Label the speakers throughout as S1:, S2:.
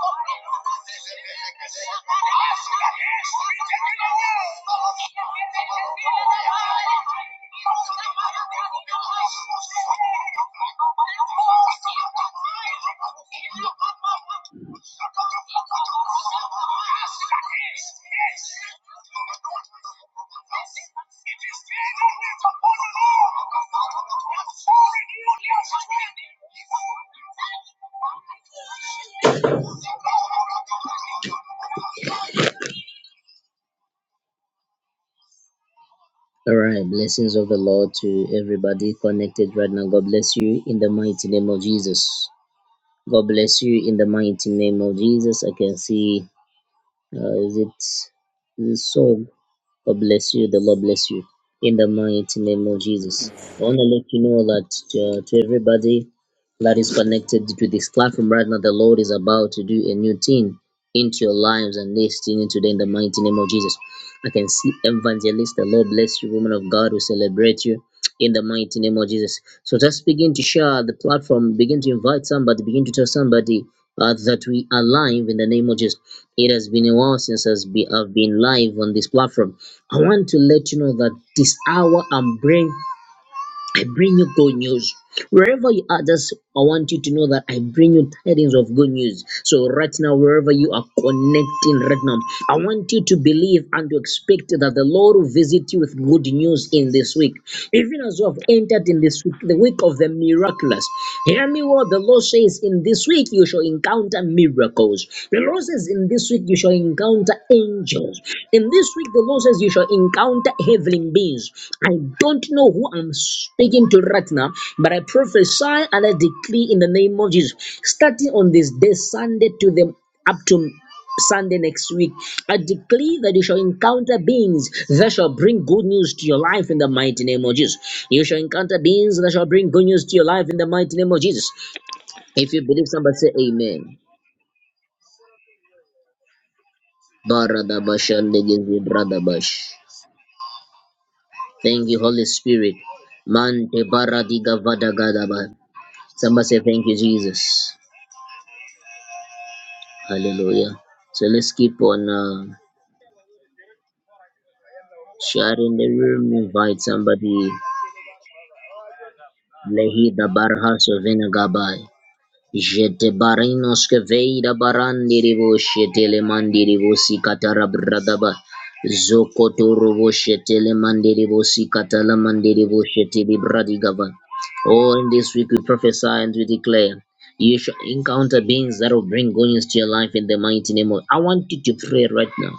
S1: upon the Lord. Foreign unions All right, blessings of the Lord to everybody connected right now. God bless you in the mighty name of Jesus. God bless you in the mighty name of Jesus. I can see, uh, is it, is it so? God bless you. The Lord bless you. In the mighty name of Jesus. I want to let you know that uh, to everybody that is connected to this platform right now, the Lord is about to do a new thing into your lives and destiny today in the mighty name of Jesus. I can see evangelist. The Lord bless you, woman of God. We celebrate you in the mighty name of Jesus. So just begin to share the platform, begin to invite somebody, begin to tell somebody uh, that we are live in the name of Jesus. It has been a while since I've been I've been live on this platform. I want to let you know that this hour I'm bringing. I bring you good news. Wherever you are, just I want you to know that I bring you tidings of good news. So right now, wherever you are connecting right now, I want you to believe and to expect that the Lord will visit you with good news in this week. Even as you have entered in this week, the week of the miraculous. Hear me what the Lord says in this week you shall encounter miracles. The Lord says in this week you shall encounter angels. In this week, the Lord says you shall encounter heavenly beings. I don't know who I'm speaking to right now, but I prophesy and I decree in the name of Jesus, starting on this day, Sunday to the up to Sunday next week, I declare that you shall encounter beings that shall bring good news to your life in the mighty name of Jesus. You shall encounter beings that shall bring good news to your life in the mighty name of Jesus. If you believe, somebody say Amen. Baradabashandegezi bradabash. Thank you, Holy Spirit. Man te baradiga diga vada gada ba. Somebody say thank you, Jesus. Hallelujah. So let's keep on uh, sharing the room. Invite somebody.
S2: Ahora,
S1: Lehi da barha so vena gabai. Jete barinos keveida barandiri voshetele mandiri vosikatara bradaba. Zokotoro voshetele mandiri vosikatala mandiri voshetele bradigaba. Oh, in this week we prophesy and we declare. You shall encounter beings that will bring good to your life in the mighty name of. I want you to pray right now.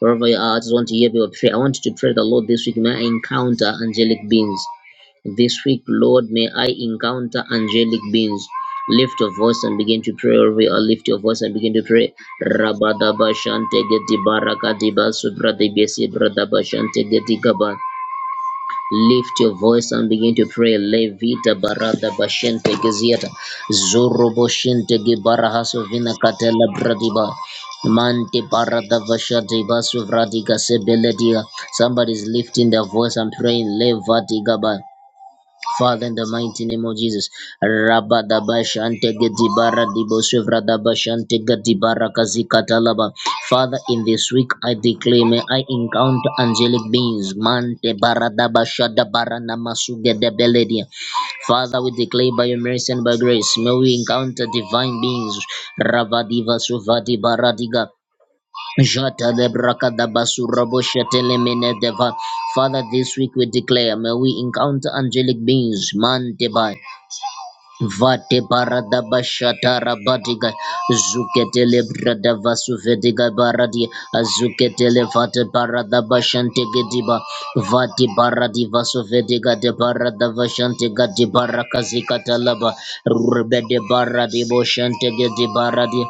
S1: Wherever you are, I just want to hear your prayer. I want you to pray the Lord this week. May I encounter angelic beings. This week, Lord, may I encounter angelic beings. Lift your voice and begin to pray. Or lift your voice and begin to pray. Rabadaba shante geti baraka diba subra debesi bradaba shante geti gaba. Lift your voice and begin to pray. Levita barada bashente geziata. Zoro boshente gebarahaso vina katela bradiba. Mante barada vashate basu vradiga sebeledia. Somebody's lifting their voice and praying. Levati gaba. Father, in the mighty name of Jesus, Rabba Dabashante Gedibara Dibosevra Dabashante Gedibara Kazikatalaba. Father, in this week I declare may I encounter angelic beings. Mante Baradabashada Barana Masuga de Beledia. Father, we declare by your mercy and by grace, may we encounter divine beings. Ravadiva Suvadi Baradiga. Jatalebrakatabasuraboshatelemene deva. Father, this week we declare, may we encounter angelic beings, man deba, vate paradabashatarabadiga, zuketelebradavasuvediga baradi, azuketelevate paradabashantegediba, vati paradivasuvediga de paradavashantega de barakazikatalaba, rubede baradi boshantegedi baradi.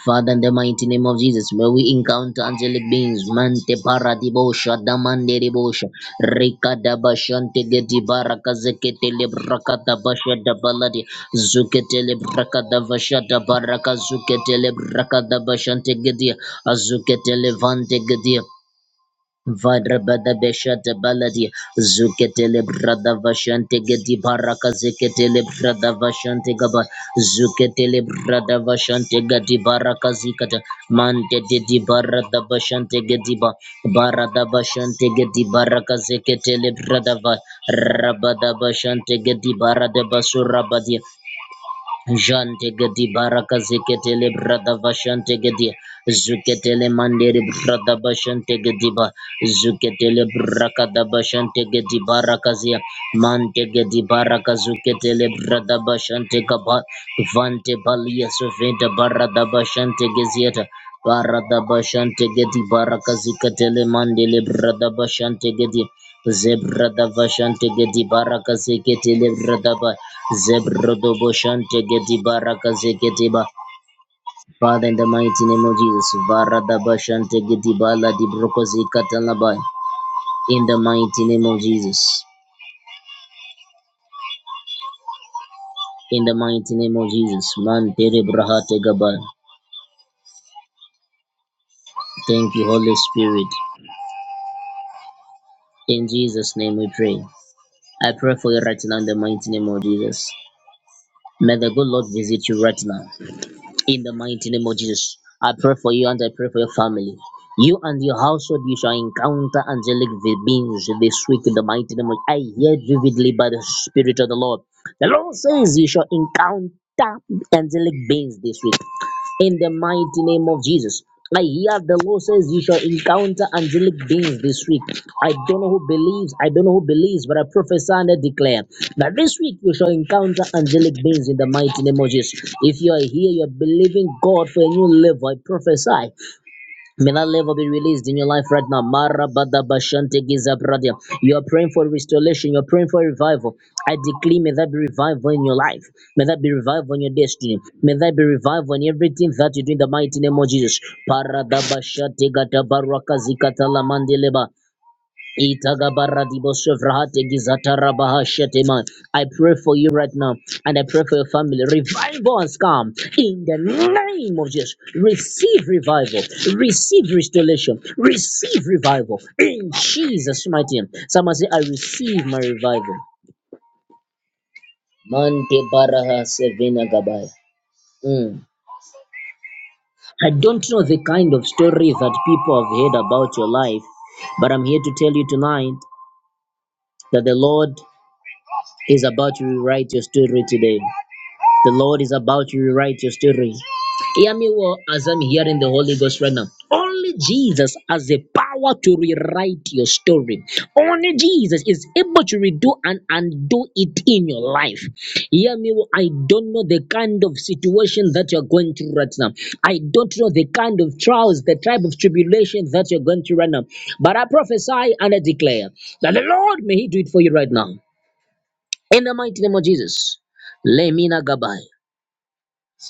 S1: Father, in the mighty name of Jesus, may we encounter angelic beings. Mante paradibosha, damande ribosha, rika dabashante gedi baraka zekete lebraka dabasha dabaladi, zukete lebraka davasha dabaraka zukete lebraka dabashante gedi, azukete levante gedi. Vadra bada beshate baladi zuketele brada vashante gedi baraka zeketele brada vashante gaba zuketele brada vashante gedi baraka zikata mante dedi barada vashante gedi ba barada vashante gedi baraka zeketele brada va rabada vashante gedi barada basura badi Jante gedi baraka zeketele brada bashante gedi zuketele mandere brada bashante gedi ba zuketele braka da bashante gedi baraka zia mante gedi baraka zuketele brada bashante kaba vante balia soventa barada bashante gezieta barada bashante gedi baraka ziketele mandele brada bashante gedi Zebra Zebradava shante gedi baraka zekete lebra da ba. zebra Zebrodobo shante gedi baraka zekete ba. Father, in the mighty name of Jesus, Varadaba shante gedi bala di broko zekatalaba. In the mighty name of Jesus. In the mighty name of Jesus. Man tere brahate gaba. Thank you, Holy Spirit. In Jesus' name we pray. I pray for you right now in the mighty name of Jesus. May the good Lord visit you right now. In the mighty name of Jesus, I pray for you and I pray for your family. You and your household, you shall encounter angelic beings this week in the mighty name of I hear vividly by the Spirit of the Lord. The Lord says you shall encounter angelic beings this week in the mighty name of Jesus. I hear the Lord says you shall encounter angelic beings this week. I don't know who believes, I don't know who believes, but I prophesy and I declare that this week you shall encounter angelic beings in the mighty name of Jesus. If you are here, you're believing God for a new level. I prophesy May that level be released in your life right now. Mara bada bashante giza bradia. You are praying for restoration. You are praying for revival. I declare, may that be revival in your life. May that be revival in your destiny. May that be revival in everything that you do in the mighty name of Jesus. Para da bashate gata baraka zikata mandeleba. I pray for you right now and I pray for your family. Revival has come in the name of Jesus. Receive revival, receive restoration, receive revival in Jesus' mighty name. Someone say, I receive my revival. Mante baraha sevina gabaya. Mm. I don't know the kind of story that people have heard about your life, but I'm here to tell you tonight that the Lord He's about to rewrite your story today. The Lord is about to rewrite your story. Hear me well as I'm hearing the Holy Ghost right now. Only Jesus has the power to rewrite your story. Only Jesus is able to redo and undo it in your life. Hear me well. I don't know the kind of situation that you're going through right now. I don't know the kind of trials, the type of tribulation that you're going through right now. But I prophesy and I declare that the Lord may He do it for you right now. In the mighty name of Jesus. Lemina Gabai.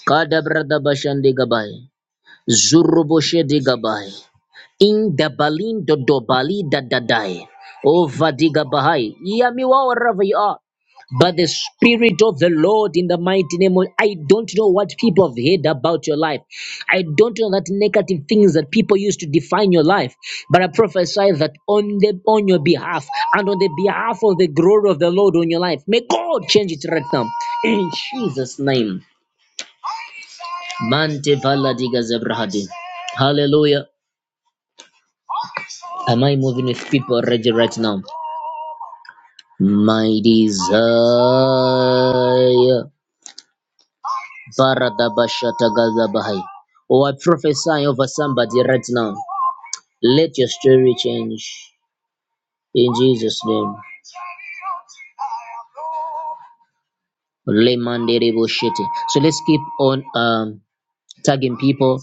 S1: Kadabra Dabashande Gabai. Zuruboshe de Gabai in the balin dodo bali dadadai over diga bahai yamiwa wherever you are by the spirit of the lord in the mighty name of i don't know what people have heard about your life i don't know that negative things that people used to define your life but i prophesy that on the on your behalf and on the behalf of the glory of the lord on your life may god change it right now in jesus name mante vala diga zebrahadi hallelujah Am I moving with people already right now? My desire. Baradabashatagazabahai. Oh, I prophesy over somebody right now. Let your story change. In Jesus' name. Lemandereboshete. So let's keep on um, tagging people.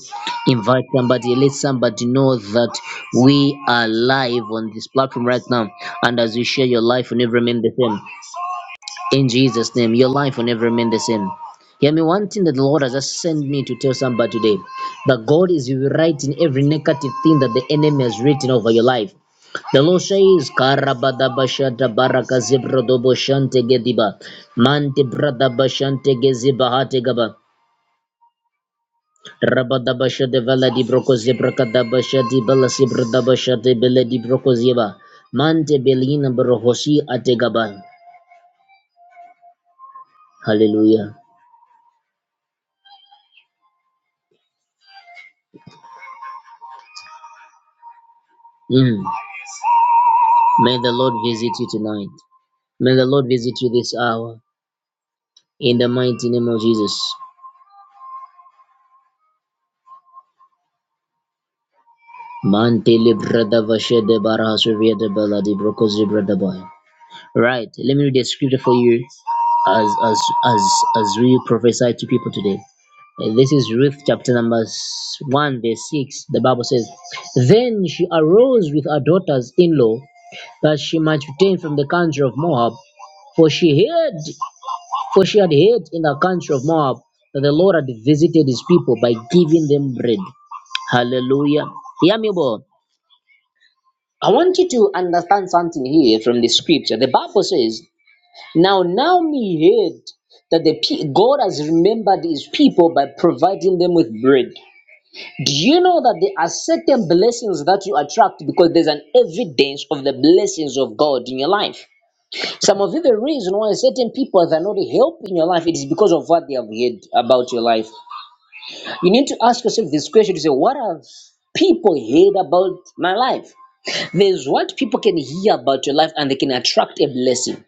S1: Invite somebody. Let somebody know that we are live on this platform right now. And as you share your life, will never remain the same. In Jesus' name, your life will never remain the same. Hear me, one thing that the Lord has just sent me to tell somebody today that God is rewriting every negative thing that the enemy has written over your life. The Lord says, Karabadabashata barakazibrodoboshante gediba, mante bradabashante gezibahate gaba, rabadabashate veladi brokozibrakadabashati balasibradabashate beledi brokoziba, mante belina brohosi ategaban. Hallelujah. Mm. May the Lord visit you tonight. May the Lord visit you this hour. In the mighty name of Jesus. Right, let me read the scripture for you as as as as we prophesy to people today. Uh, This is Ruth chapter number 1, verse 6. The Bible says, Then she arose with her daughters in law that she might return from the country of Moab, for she heard For she had heard in the country of Moab that the Lord had visited his people by giving them bread. Hallelujah. Hear me well. I want you to understand something here from the scripture. The Bible says, Now Naomi heard that the pe- God has remembered his people by providing them with bread. Do you know that there are certain blessings that you attract because there's an evidence of the blessings of God in your life? Some of you, the reason why certain people are not helping your life, it is because of what they have heard about your life. You need to ask yourself this question to say, what have people heard about my life? There's what people can hear about your life and they can attract a blessing.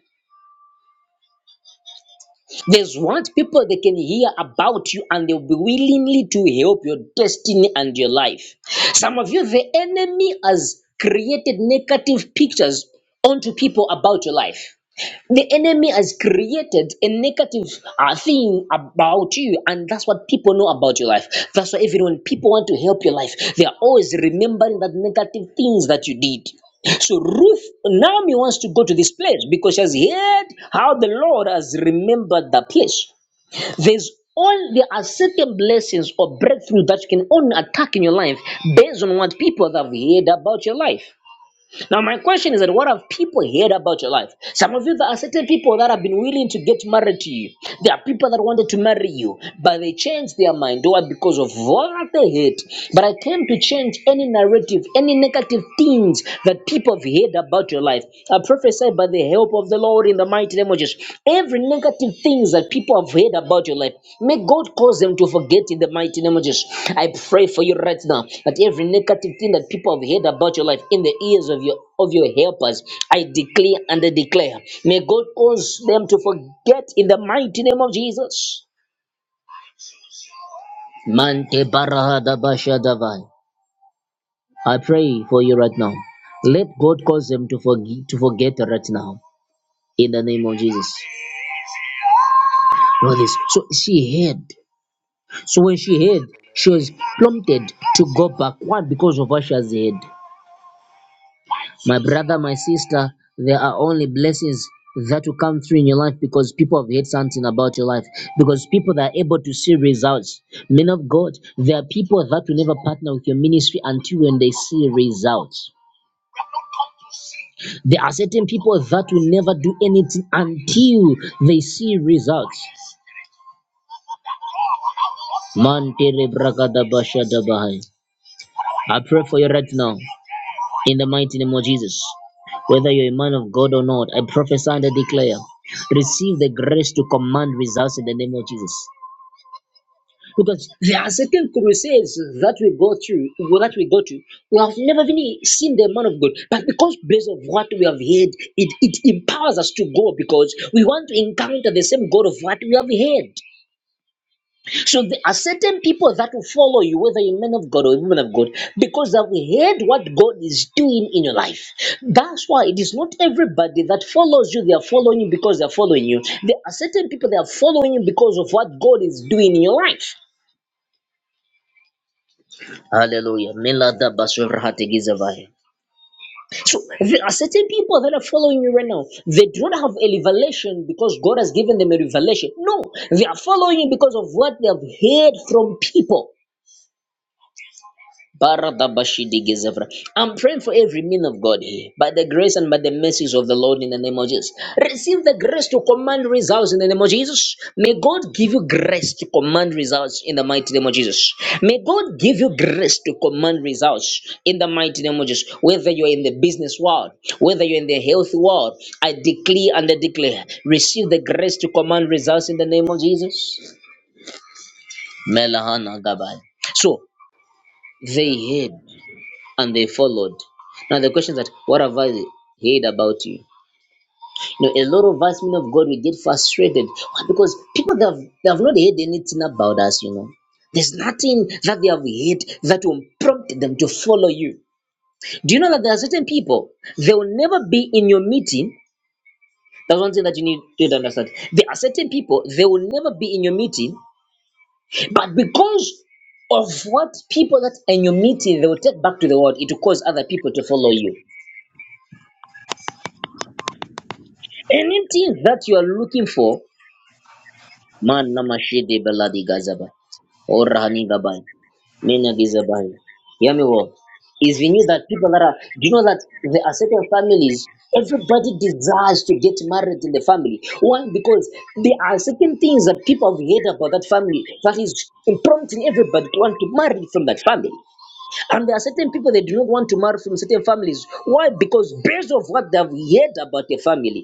S1: There's what people they can hear about you and they'll be willingly to help your destiny and your life. Some of you, the enemy has created negative pictures onto people about your life. The enemy has created a negative uh, thing about you, and that's what people know about your life. That's why even when people want to help your life, they are always remembering that negative things that you did. So Ruth Naomi wants to go to this place because she has heard how the Lord has remembered that place. There's all there are certain blessings or breakthrough that you can only attack in your life based on what people have heard about your life. Now, my question is that what have people heard about your life? Some of you, there are certain people that have been willing to get married to you. There are people that wanted to marry you, but they changed their mind. Why? Because of what they heard. But I came to change any narrative, any negative things that people have heard about your life. I prophesy by the help of the Lord in the the mighty name of Jesus. Every negative things that people have heard about your life, may God cause them to forget in the mighty name of Jesus. I pray for you right now that every negative thing that people have heard about your life in the ears of your of your helpers, I declare and I declare, may God cause them to forget in the mighty name of Jesus. Mante barahada bashadavai. I pray for you right now. Let God cause them to forget to forget right now in the name of Jesus. Know So she heard So when she heard, she
S3: Amen.
S1: was prompted to go backward because of what she has heard. My brother, my sister, there are only blessings that will come through in your life because people have heard something about your life. Because people that are able to see results. Men of God, there are people that will never partner with your ministry until when they see results. There are certain people that will never do anything until they see results. Man, tere braka da basha da bahai. I pray for you right now. in the mighty name of Jesus. Whether you're a man of God or not, I prophesy and I declare, receive the grace to command results in the name of Jesus. Because there are certain crusades that we go through, well, that we go to, we have never really seen the man of God. But because based of what we have heard, it, it empowers us to go because we want to encounter the same God of what we have heard. So there are certain people that will follow you, whether you're men of God or women of God, because they've heard what God is doing in your life. That's why it is not everybody that follows you, they are following you because they're following you. There are certain people that are following you because of what God is doing in your life. Hallelujah. Melada basurhategiza vaya. So there are certain people that are following you right now. They do not have a revelation because God has given them a revelation. No, they are following you because of what they have heard from people. Baradabashidigizevra. I'm praying for every man of God here by the grace and by the mercies of the Lord in the name of Jesus. Receive the grace to command results in the name of Jesus. May God give you grace to command results in the mighty name of Jesus. May God give you grace to command results in the mighty name of Jesus. Whether you're in the business world, whether you're in the health world, I declare and I declare receive the grace to command results in the name of Jesus. Melahana Gabai. So they heard and they followed. Now the question is that what have I heard about you? You know, a lot of us men of God we get frustrated because people that have they have not heard anything about us, you know. There's nothing that they have heard that will prompt them to follow you. Do you know that there are certain people they will never be in your meeting? That's one thing that you need you need to understand. There are certain people they will never be in your meeting, but because of what people that are in your meeting they will take back to the world, it will cause other people to follow you. Anything that you are looking for, man namashide beladi gazaba or rahani gabai, mena gizabai. Hear me well. Is we knew that people that are, do you know that there are certain families, everybody desires to get married in the family. Why? Because there are certain things that people have heard about that family that is prompting everybody to want to marry from that family. And there are certain people they do not want to marry from certain families. Why? Because based of what they have heard about the family.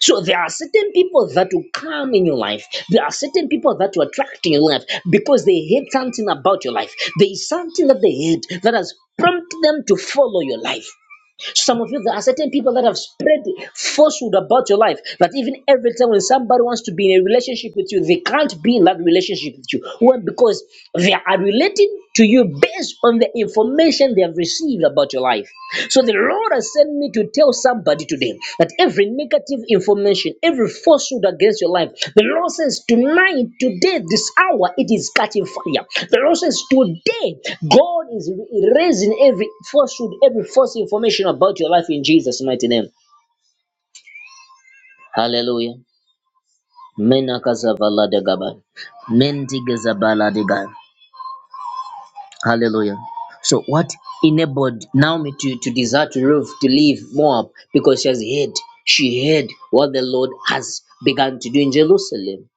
S1: So there are certain people that will come in your life. There are certain people that will attract in your life because they hate something about your life. There is something that they hate that has prompted them to follow your life. Some of you, there are certain people that have spread falsehood about your life. That even every time when somebody wants to be in a relationship with you, they can't be in that relationship with you. Why? Because they are relating to you based on the information they have received about your life. So the Lord has sent me to to tell somebody today that every negative information, every falsehood against your life, the Lord says tonight, today, this hour, it is catching fire. The Lord says today, God is erasing every falsehood, every false information about your life in Jesus' mighty name. Hallelujah. Menakazavaladaga. Mendigazabaladigaya. Hallelujah. So what enabled Naomi to, to desire to leave, to leave Moab because she has heard, she heard what the Lord has begun to do in Jerusalem.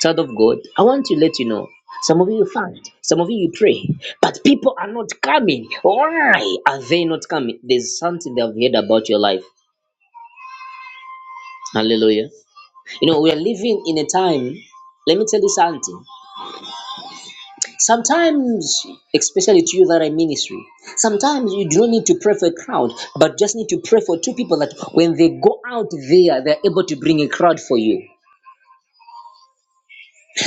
S1: Child of God, I want to let you know. Some of you fight, some of you pray, but people are not coming. Why are they not coming? There's something they've heard about your life. Hallelujah. You know, we are living in a time, let me tell you something. Sometimes, especially to you that are in ministry, sometimes you do not need to pray for a crowd, but just need to pray for two people that when they go out there, they're able to bring a crowd for you.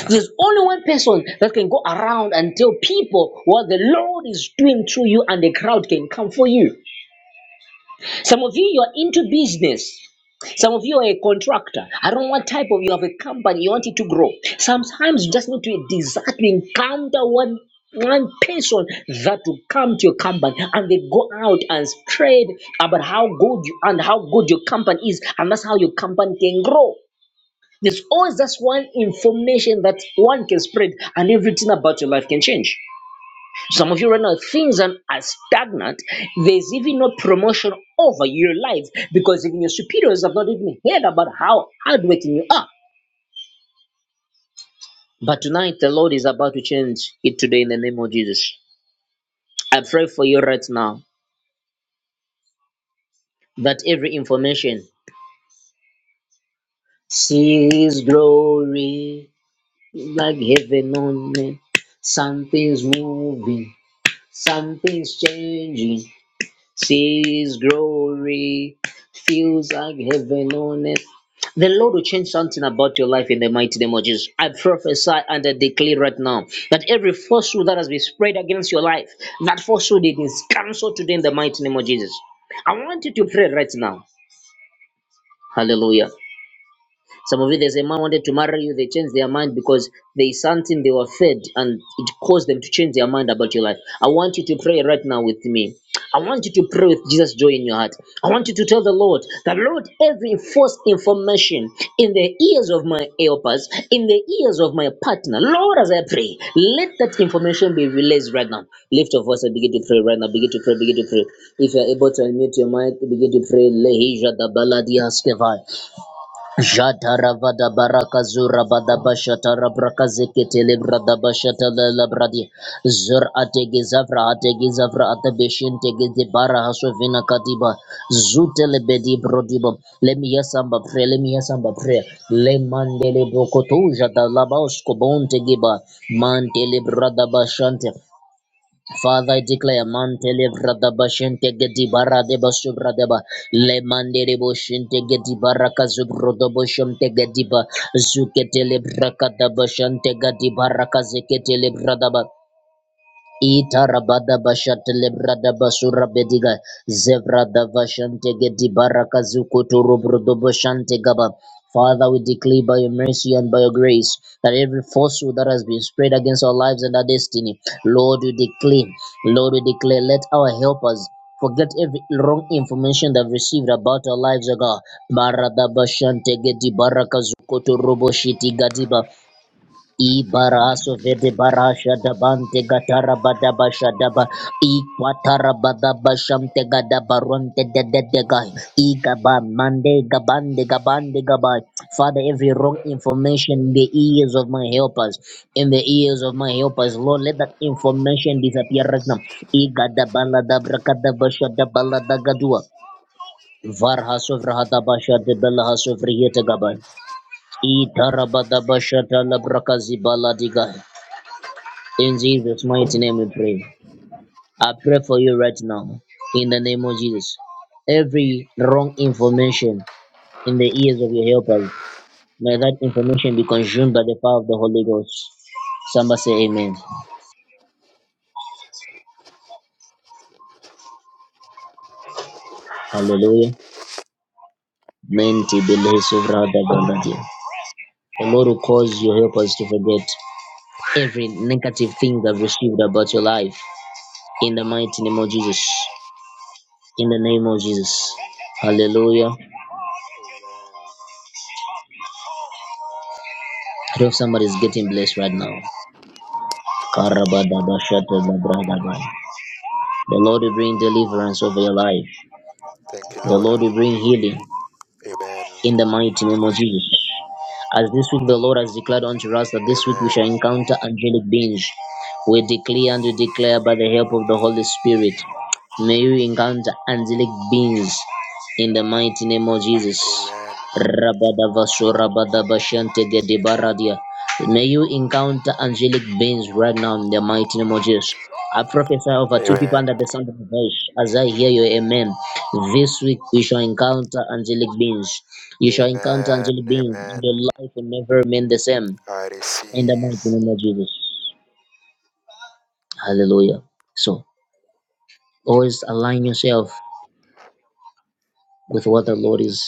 S1: There's only one person that can go around and tell people what the Lord is doing through you, and the crowd can come for you. Some of you, you're into business. Some of you are a contractor. I don't know what type of you have a company, you want it to grow. Sometimes you just need to desire to encounter one one person that will come to your company and they go out and spread about how good you and how good your company is, and that's how your company can grow. There's always just one information that one can spread, and everything about your life can change. Some of you right now, things are, are stagnant. There's even no promotion over your life because even your superiors have not even heard about how hardworking you are. But tonight, the Lord is about to change it today in the name of Jesus. I pray for you right now that every information see glory like heaven on earth. Something's moving, something's changing. His glory feels like heaven on earth. The Lord will change something about your life in the mighty name of Jesus. I prophesy and I declare right now that every falsehood that has been spread against your life, that falsehood it is cancelled today in the mighty name of Jesus. I want you to pray right now. Hallelujah. Some of you, there's a man wanted to marry you, they changed their mind because there is something they were fed and it caused them to change their mind about your life. I want you to pray right now with me. I want you to pray with Jesus' joy in your heart. I want you to tell the Lord, the Lord, every false information in the ears of my helpers, in the ears of my partner, Lord, as I pray, let that information be released right now. Lift your voice and begin to pray right now. Begin to pray, begin to pray. If you're able to unmute your mic, begin to pray. Lehija da baladia skevai. Jataravada barakazura badabashata rabrakazeketele bradabashata lalabradi zur ategizavra ategizavra atabeshin tegezi bara hasovina kadiba zutele bedi brodibo lemiyasamba pre lemiyasamba pre lemandele bokotuja dalaba uskobonte giba mantele bradabashante Father, I declare Mantele Bradabashente Gedibara de Basubradeba, Le Mandere Boshente Gedibara Kazubrodoboshem Tegediba, Zuketele Brakadabashante Gadibara Kazeketele Bradaba. Itarabada bashate lebrada basura bediga zevrada vashante gedi baraka zukutu rubrudo bashante gaba. Father, we declare by your mercy and by your grace that every falsehood that has been spread against our lives and our destiny, Lord, we declare, Lord, we declare, let our helpers forget every wrong information they've received about our lives, O God. Marada bashante gedi baraka zukutu robo shiti gadiba. Ibaraso vede barasha dabante gatara badaba shadaba ikwatara badaba shamte gadaba ronte dededegai igaba mande gabande gabande gabai. Father, every wrong information in the ears of my helpers, in the ears of my helpers, Lord, let that information disappear right now. Igadabala dabrakadaba shadabala dagadua. Varha sovrahada basha debela hasovriye tagabai. Itarabada basha talabrakazibala digai. In Jesus' mighty name we pray. I pray for you right now. In the name of Jesus. Every wrong information in the ears of your helpers, may that information be consumed by the power of the Holy Ghost. Somebody say amen. Hallelujah. Menti billahi suvrada bandati. The Lord will cause your helpers to forget every negative thing they've received about your life. In the mighty name of Jesus. In the name of Jesus.
S3: Amen.
S1: Hallelujah. I
S3: Amen.
S1: hope
S3: Amen.
S1: somebody's getting blessed right now.
S3: Right now.
S1: The Lord will bring
S3: Karabadaba
S1: deliverance over your
S3: shatadaba.
S1: life.
S3: Thank you,
S1: The
S3: Lord.
S1: Lord will bring healing
S3: Amen.
S1: in the mighty name of Jesus. As this week the Lord has declared unto us that this week we
S3: Amen.
S1: shall encounter angelic beings. We declare and we declare by the help of the Holy Spirit. May you encounter angelic beings in the mighty name of Jesus.
S3: Amen.
S1: Rabadavasorabadabashantegedibaradia. May you encounter angelic beings right now in the mighty name of Jesus. I prophesy over two people
S3: Amen.
S1: under the sound of my voice. As I hear your amen, this week you shall encounter angelic beings. You shall encounter
S3: Amen.
S1: angelic beings.
S3: Amen.
S1: Your life will never remain the same.
S3: I
S1: In the
S3: receive.
S1: mighty name of Jesus. Hallelujah. So, always align yourself with what the Lord is.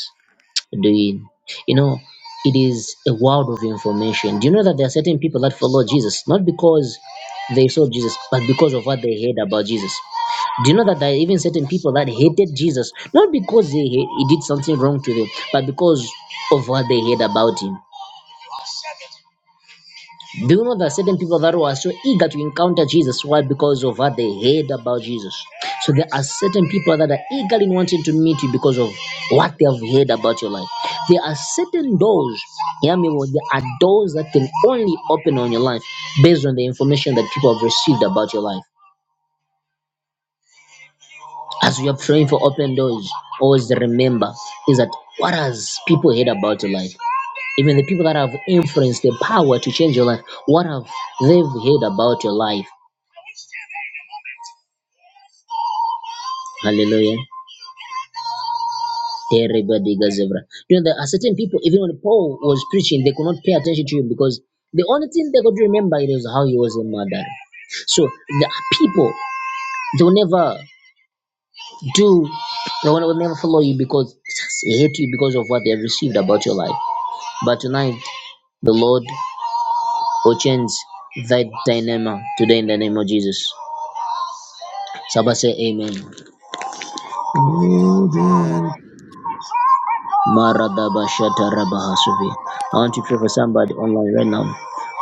S1: doing. You know, it is a world of information. Do you know that there are certain people that follow Jesus, not because they saw Jesus, but because of what they heard about Jesus? Do you know that there are even certain people that hated Jesus, not because they, he he did something wrong to them, but because of what they heard about him? Do you know that certain people that were so eager to encounter Jesus? Why? Because of what they heard about Jesus. So there are certain people that are eagerly wanting to meet you because of what they have heard about your life. There are certain doors, hear me well, there are doors that can only open on your life based on the information that people have received about your life. As we are praying for open doors, always remember is that what has people heard about your life? Even the people that have influenced the power to change your life, what have they've heard about your life? Hallelujah. Everybody gazebra. You know, there are certain people, even when Paul was preaching, they could not pay attention to him because the only thing they could remember it was how he was a murderer. So the people, they will never do, they will will never follow you because they hate you because of what they have received about your life. But tonight, the Lord will change that dynamic today in the name of Jesus. Somebody say amen.
S3: Amen.
S1: I want to pray for somebody online right now.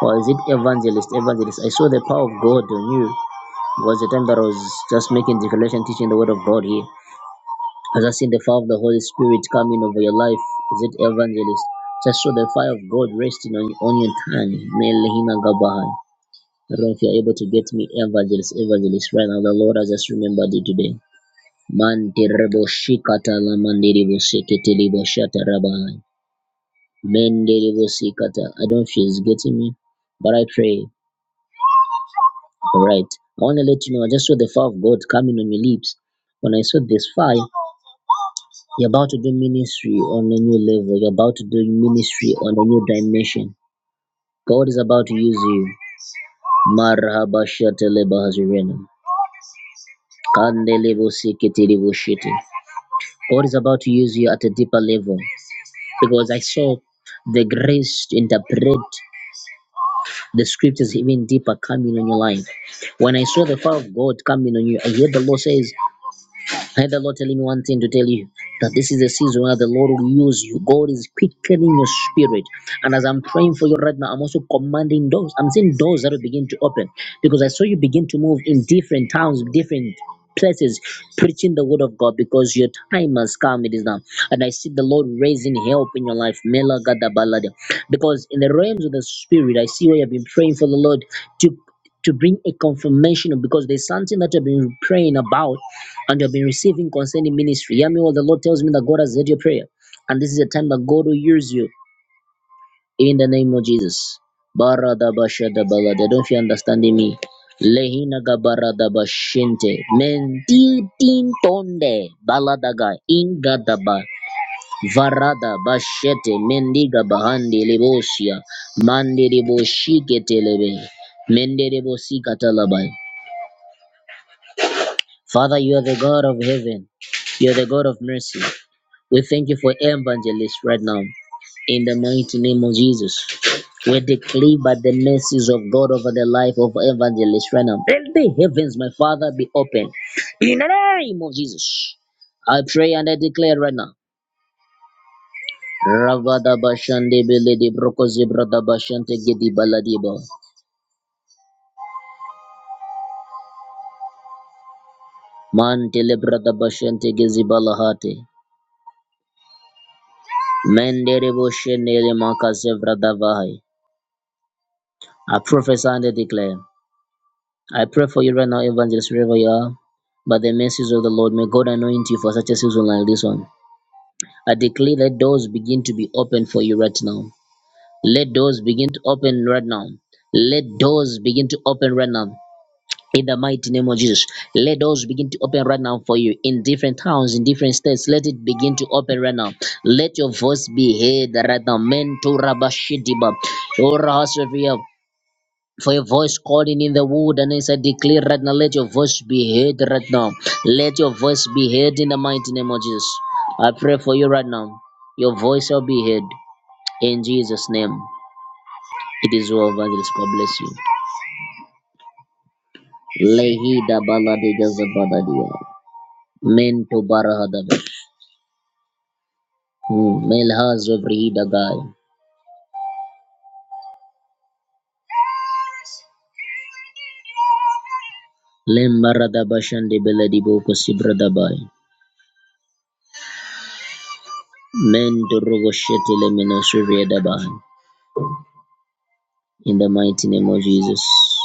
S1: Or is it evangelist? Evangelist. I saw the power of God on you. It was the time that I was just making declaration, teaching the word of God here. As I seen the fire of the Holy Spirit coming over your life, is it evangelist? Just saw the fire of God resting on, on your tongue. Melehina Gabahan. I don't know if you're able to get me evangelist, evangelist right now. The Lord has just remembered it today. Mandirebo Mendelebosikata. I don't know if it's getting me, but I pray. All right. I want to let you know, I just saw the fire of God coming on your lips. When I saw this fire, you're about to do ministry on a new level. You're about to do ministry on a new dimension. God is about to use you. Marhabashatelebahazurenum. Kandelebosiketeleboshete. God is about to use you at a deeper level because I saw the grace to interpret The script is even deeper coming on your life. When I saw the fire of God coming on you, I heard the Lord says, let the Lord tell me one thing to tell you that this is a season where the Lord will use you. God is quickening your spirit. And as I'm praying for you right now, I'm also commanding doors. I'm seeing doors that will begin to open because I saw you begin to move in different towns, different places, preaching the word of God because your time has come. It is now. And I see the Lord raising help in your life. Mela gada balada. Because in the realms of the spirit, I see where you've been praying for the Lord to to bring a confirmation of- because there's something that I've been praying about and I've been receiving concerning ministry. Yeah, me well, the Lord tells me that God has heard your prayer, and this is a time that God will use you in the name of Jesus. Baradabashadabalada. Don't you understanding me? Lehina gabaradabashente. Mentitintonde baladaga ingadaba varada bashete mendiga bahandi libosia mandi liboshike telebe mende libosika talabai. Father, you are the God of heaven. You are the God of mercy. We thank you for evangelists right now. In the mighty name of Jesus, we declare by the mercies of God over the life of evangelists right now. Let the heavens, my Father, be open. In the name of Jesus, I pray and I declare right now. Ravada bashande beledi brokozi brada bashante gedi baladiba. Mantele brada bashante gezi balahate. Mendere boshene le makase vrada vahai. I prophesy and I declare. I pray for you right now, evangelist, wherever you are, by the mercies of the Lord. May God anoint you for such a season like this one. I declare that doors begin to be open for you right now. Let doors begin to open right now. Let doors begin to open right now. In the mighty name of Jesus, let doors begin to open right now for you in different towns, in different states. Let it begin to open right now. Let your voice be heard right now. Men to Rabashidiba. for your voice calling in the wilderness. I declare right now, let your voice be heard right now. Let your voice be heard in the mighty name of Jesus. I pray for you right now. Your voice shall be heard in Jesus' name. It is well, evangelist. God bless you. Lehi da baladi da zabadadia. Men to barahadaba. Hmm, Melhaz of Rihidagai. Lembarada bashande beladi boko sibradabai. Men to rogoshete lemina suriyadabai. In the mighty name of Jesus.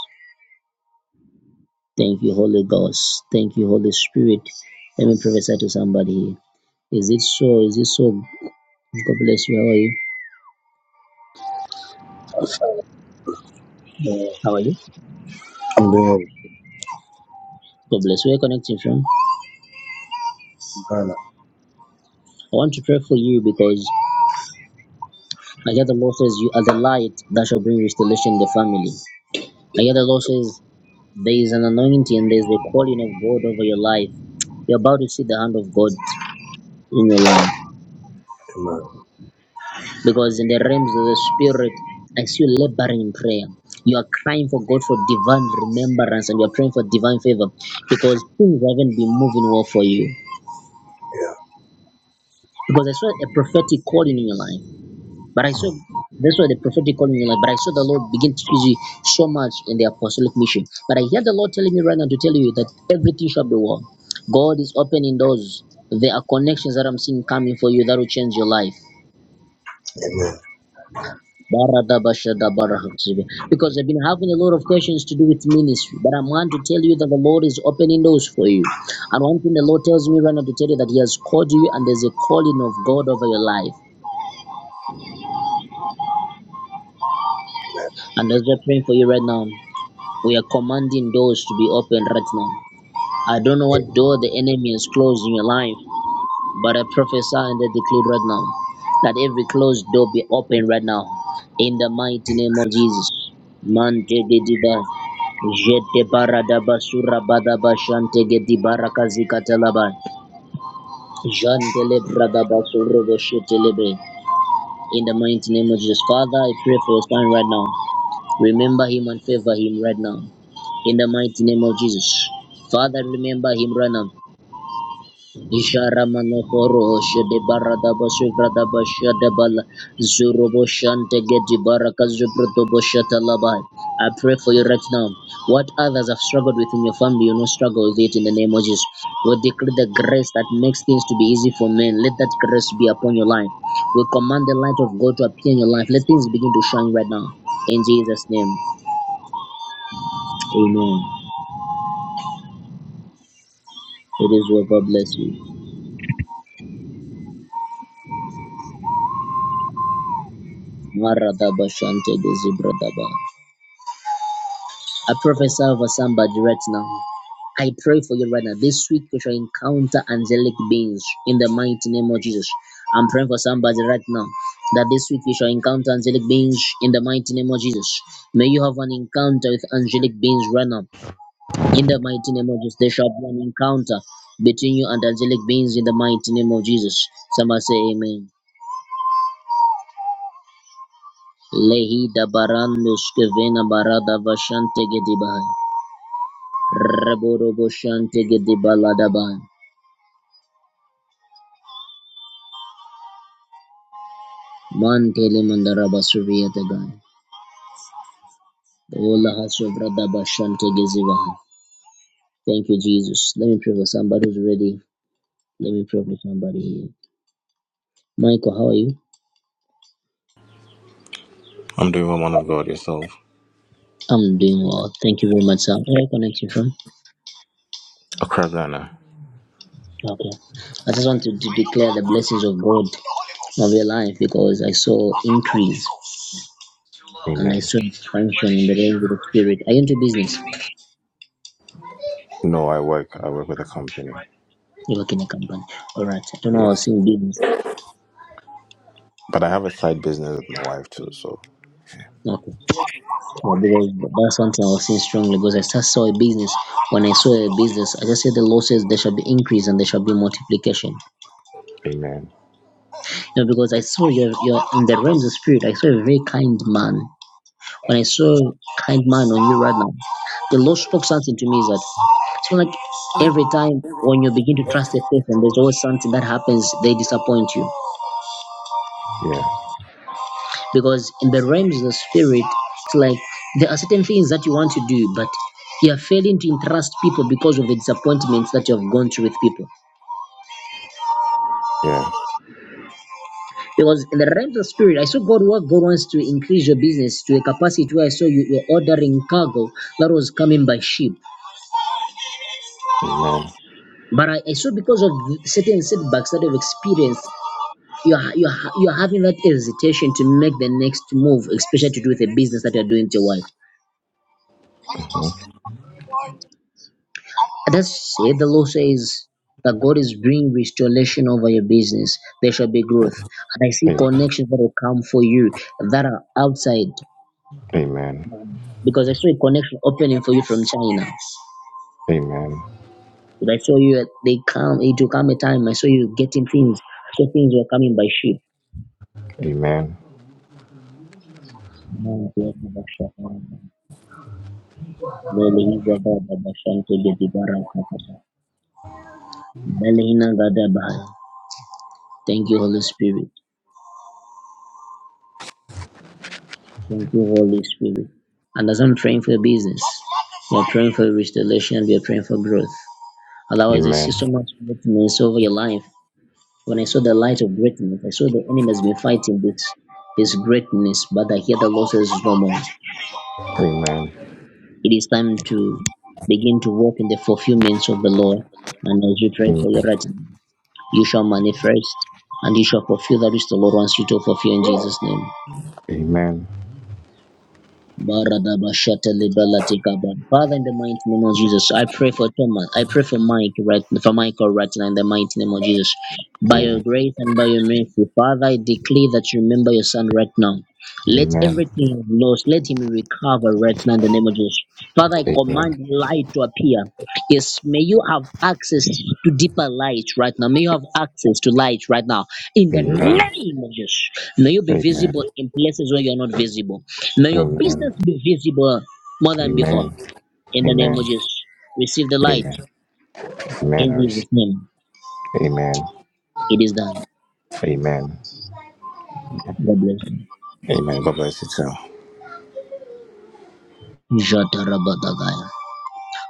S1: Thank you, Holy Ghost. Thank you, Holy Spirit. Let me prophesy to somebody here. Is it so? Is it so? God bless you. How are you? How are you?
S4: I'm doing
S1: God bless. Where are you connecting from? I
S4: Ghana.
S1: want to pray for you because I hear the Lord says you are the light that shall bring restoration in the family. I hear the Lord says there is an anointing, there is a calling of God over your life. You're about to see the hand of God in your life.
S4: Amen.
S1: Because in the realms of the spirit, I see you laboring in prayer. You are crying for God for divine remembrance and you are praying for divine favor because things haven't been moving well for you.
S4: Yeah.
S1: Because I saw a prophetic calling in your life, but I saw
S4: Mm.
S1: that's why the prophetic calling in your life, but I saw the Lord begin to use you so much in the apostolic mission. But I hear the Lord telling me right now to tell you that everything shall be well. God is opening doors. There are connections that I'm seeing coming for you that will change your life.
S4: Amen.
S1: Because I've been having a lot of questions to do with ministry, but I'm one to tell you that the Lord is opening doors for you. And one thing the Lord tells me right now to tell you that He has called you and there's a calling of God over your life. And as we're praying for you right now, we are commanding doors to be opened right now. I don't know what door the enemy has closed in your life, But I prophesy and I declare right now that every closed door be open right now in the mighty name of Jesus. Mante gediba jete barada basura bada bashante gedi barakazi katalaba jante le brada basura boshete lebe. In the mighty name of Jesus, Father, I pray for your son right now. Remember him and favor him right now. In the mighty name of Jesus, Father, remember him right now. Isharamanokoro shede baradaba shuvradaba shadabala zurobo shante gedi baraka zubrodobo shatalabai. I pray for you right now. What others have struggled with in your family, you know, struggle with it in the name of Jesus. We decree the grace that makes things to be easy for men. Let that grace be upon your life. We command the light of God to appear in your life. Let things begin to shine right now. In Jesus' name, amen. It is well. God bless you. Maradaba shante gezi bradaba. I prophesy over somebody right now. I pray for you right now. This week you shall encounter angelic beings in the mighty name of Jesus. I'm praying for somebody right now that this week you shall encounter angelic beings in the mighty name of Jesus. May you have an encounter with angelic beings right now in the mighty name of Jesus. There shall be an encounter between you and angelic beings in the mighty name of Jesus. Somebody say amen. Lehi da barando skevena barada vashante gedibahai. Raborobo Shantigi Baladaban. Mantele Mandaraba Suriyatagan. Ola Hasovradaba Shantigi Zivaha. Thank you, Jesus. Let me pray for somebody who's ready. Let me pray for somebody here. Michael, how are you?
S5: I'm doing woman of God yourself.
S1: I'm doing well. Thank you very much, sir. Where I connect you from?
S5: Accra, Ghana.
S1: Okay. I just wanted to to declare the blessings of God of your life because I saw increase
S6: too low.
S1: and I
S5: Amen.
S1: saw
S6: He needs to
S1: function in
S6: replenish
S1: the
S6: his
S1: realms of the
S6: sugar urgently.
S1: spirit. Are you into business?
S5: No, I work. I work with a company.
S1: You work in a company. All right. I don't know. how I was
S5: Yes.
S1: seeing business.
S5: But I have a side business with my wife too, so.
S1: Okay. Well, because that's something I was seeing strongly because I just saw a business. When I saw a business, I just said the Lord says there shall be increase and there shall be multiplication.
S5: Amen.
S1: You know, because I saw you're, you're in the realms of spirit, I saw a very kind man. When I saw kind man on you right now, the Lord spoke something to me is that so like every time when you begin to trust a person, there's always something that happens, they disappoint you.
S5: Yeah.
S1: because in the realms of the spirit it's like there are certain things that you want to do but you are failing to entrust people because of the disappointments that you have gone through with people
S5: Yeah.
S1: because in the realms of spirit i saw god what god wants to increase your business to a capacity where i saw you were ordering cargo that was coming by ship
S5: Amen.
S1: but i, I saw because of certain setbacks that you've experienced you're, you're, you're having that hesitation to make the next move especially to do with the business that you're doing to your wife
S5: Mhm.
S1: Others say the law says that God is bringing restoration over your business. There shall be growth. And I see
S5: Amen.
S1: connections that will come for you that are outside.
S5: Amen.
S1: um, Because I saw a connection opening for you from China.
S5: Amen.
S1: But I saw you, they come, it will come a time. I saw you getting things. I saw things were coming by ship.
S5: Amen.
S1: Thank you, Holy Spirit. Thank you, Holy Spirit. And as I'm praying for your business, we are praying for restoration, we are praying for growth. Allow us to see
S5: Amen.
S1: so much greatness over your life. When I saw the light of greatness, I saw the enemy has been fighting this this greatness, but I hear the Lord says no more.
S5: Amen.
S1: It is time to begin to walk in the fulfillments of the law. And as you pray for your writing, you shall manifest and you shall fulfill that which the Lord wants you to fulfill in Jesus' name.
S5: Amen. Amen.
S1: Baradabashatelebelatigaban. Father, in the mighty name of Jesus, I pray for Thomas. I pray for Mike right for Michael right now in the mighty name of Jesus. By your
S5: Amen.
S1: grace and by your mercy, Father, I declare that you remember your son right now. Let everything he's lost, let him recover right now in the name of Jesus. Father, I
S5: Amen.
S1: command light to appear. Yes, may you have access to deeper light right now. May you have access to light right now. In the
S5: Amen.
S1: name of Jesus, may you
S5: Amen.
S1: be
S5: Amen.
S1: visible in places where you are not visible. May your
S5: Amen.
S1: business be visible more than
S5: Amen.
S1: before. In the name of
S5: Amen.
S1: Jesus. Receive the light.
S5: Amen. Amen. I
S1: In
S5: receive.
S1: Jesus' name.
S5: Amen.
S1: It is done.
S5: Amen.
S1: God bless you.
S5: Amen. God bless you too.
S1: Jatarabadagaya.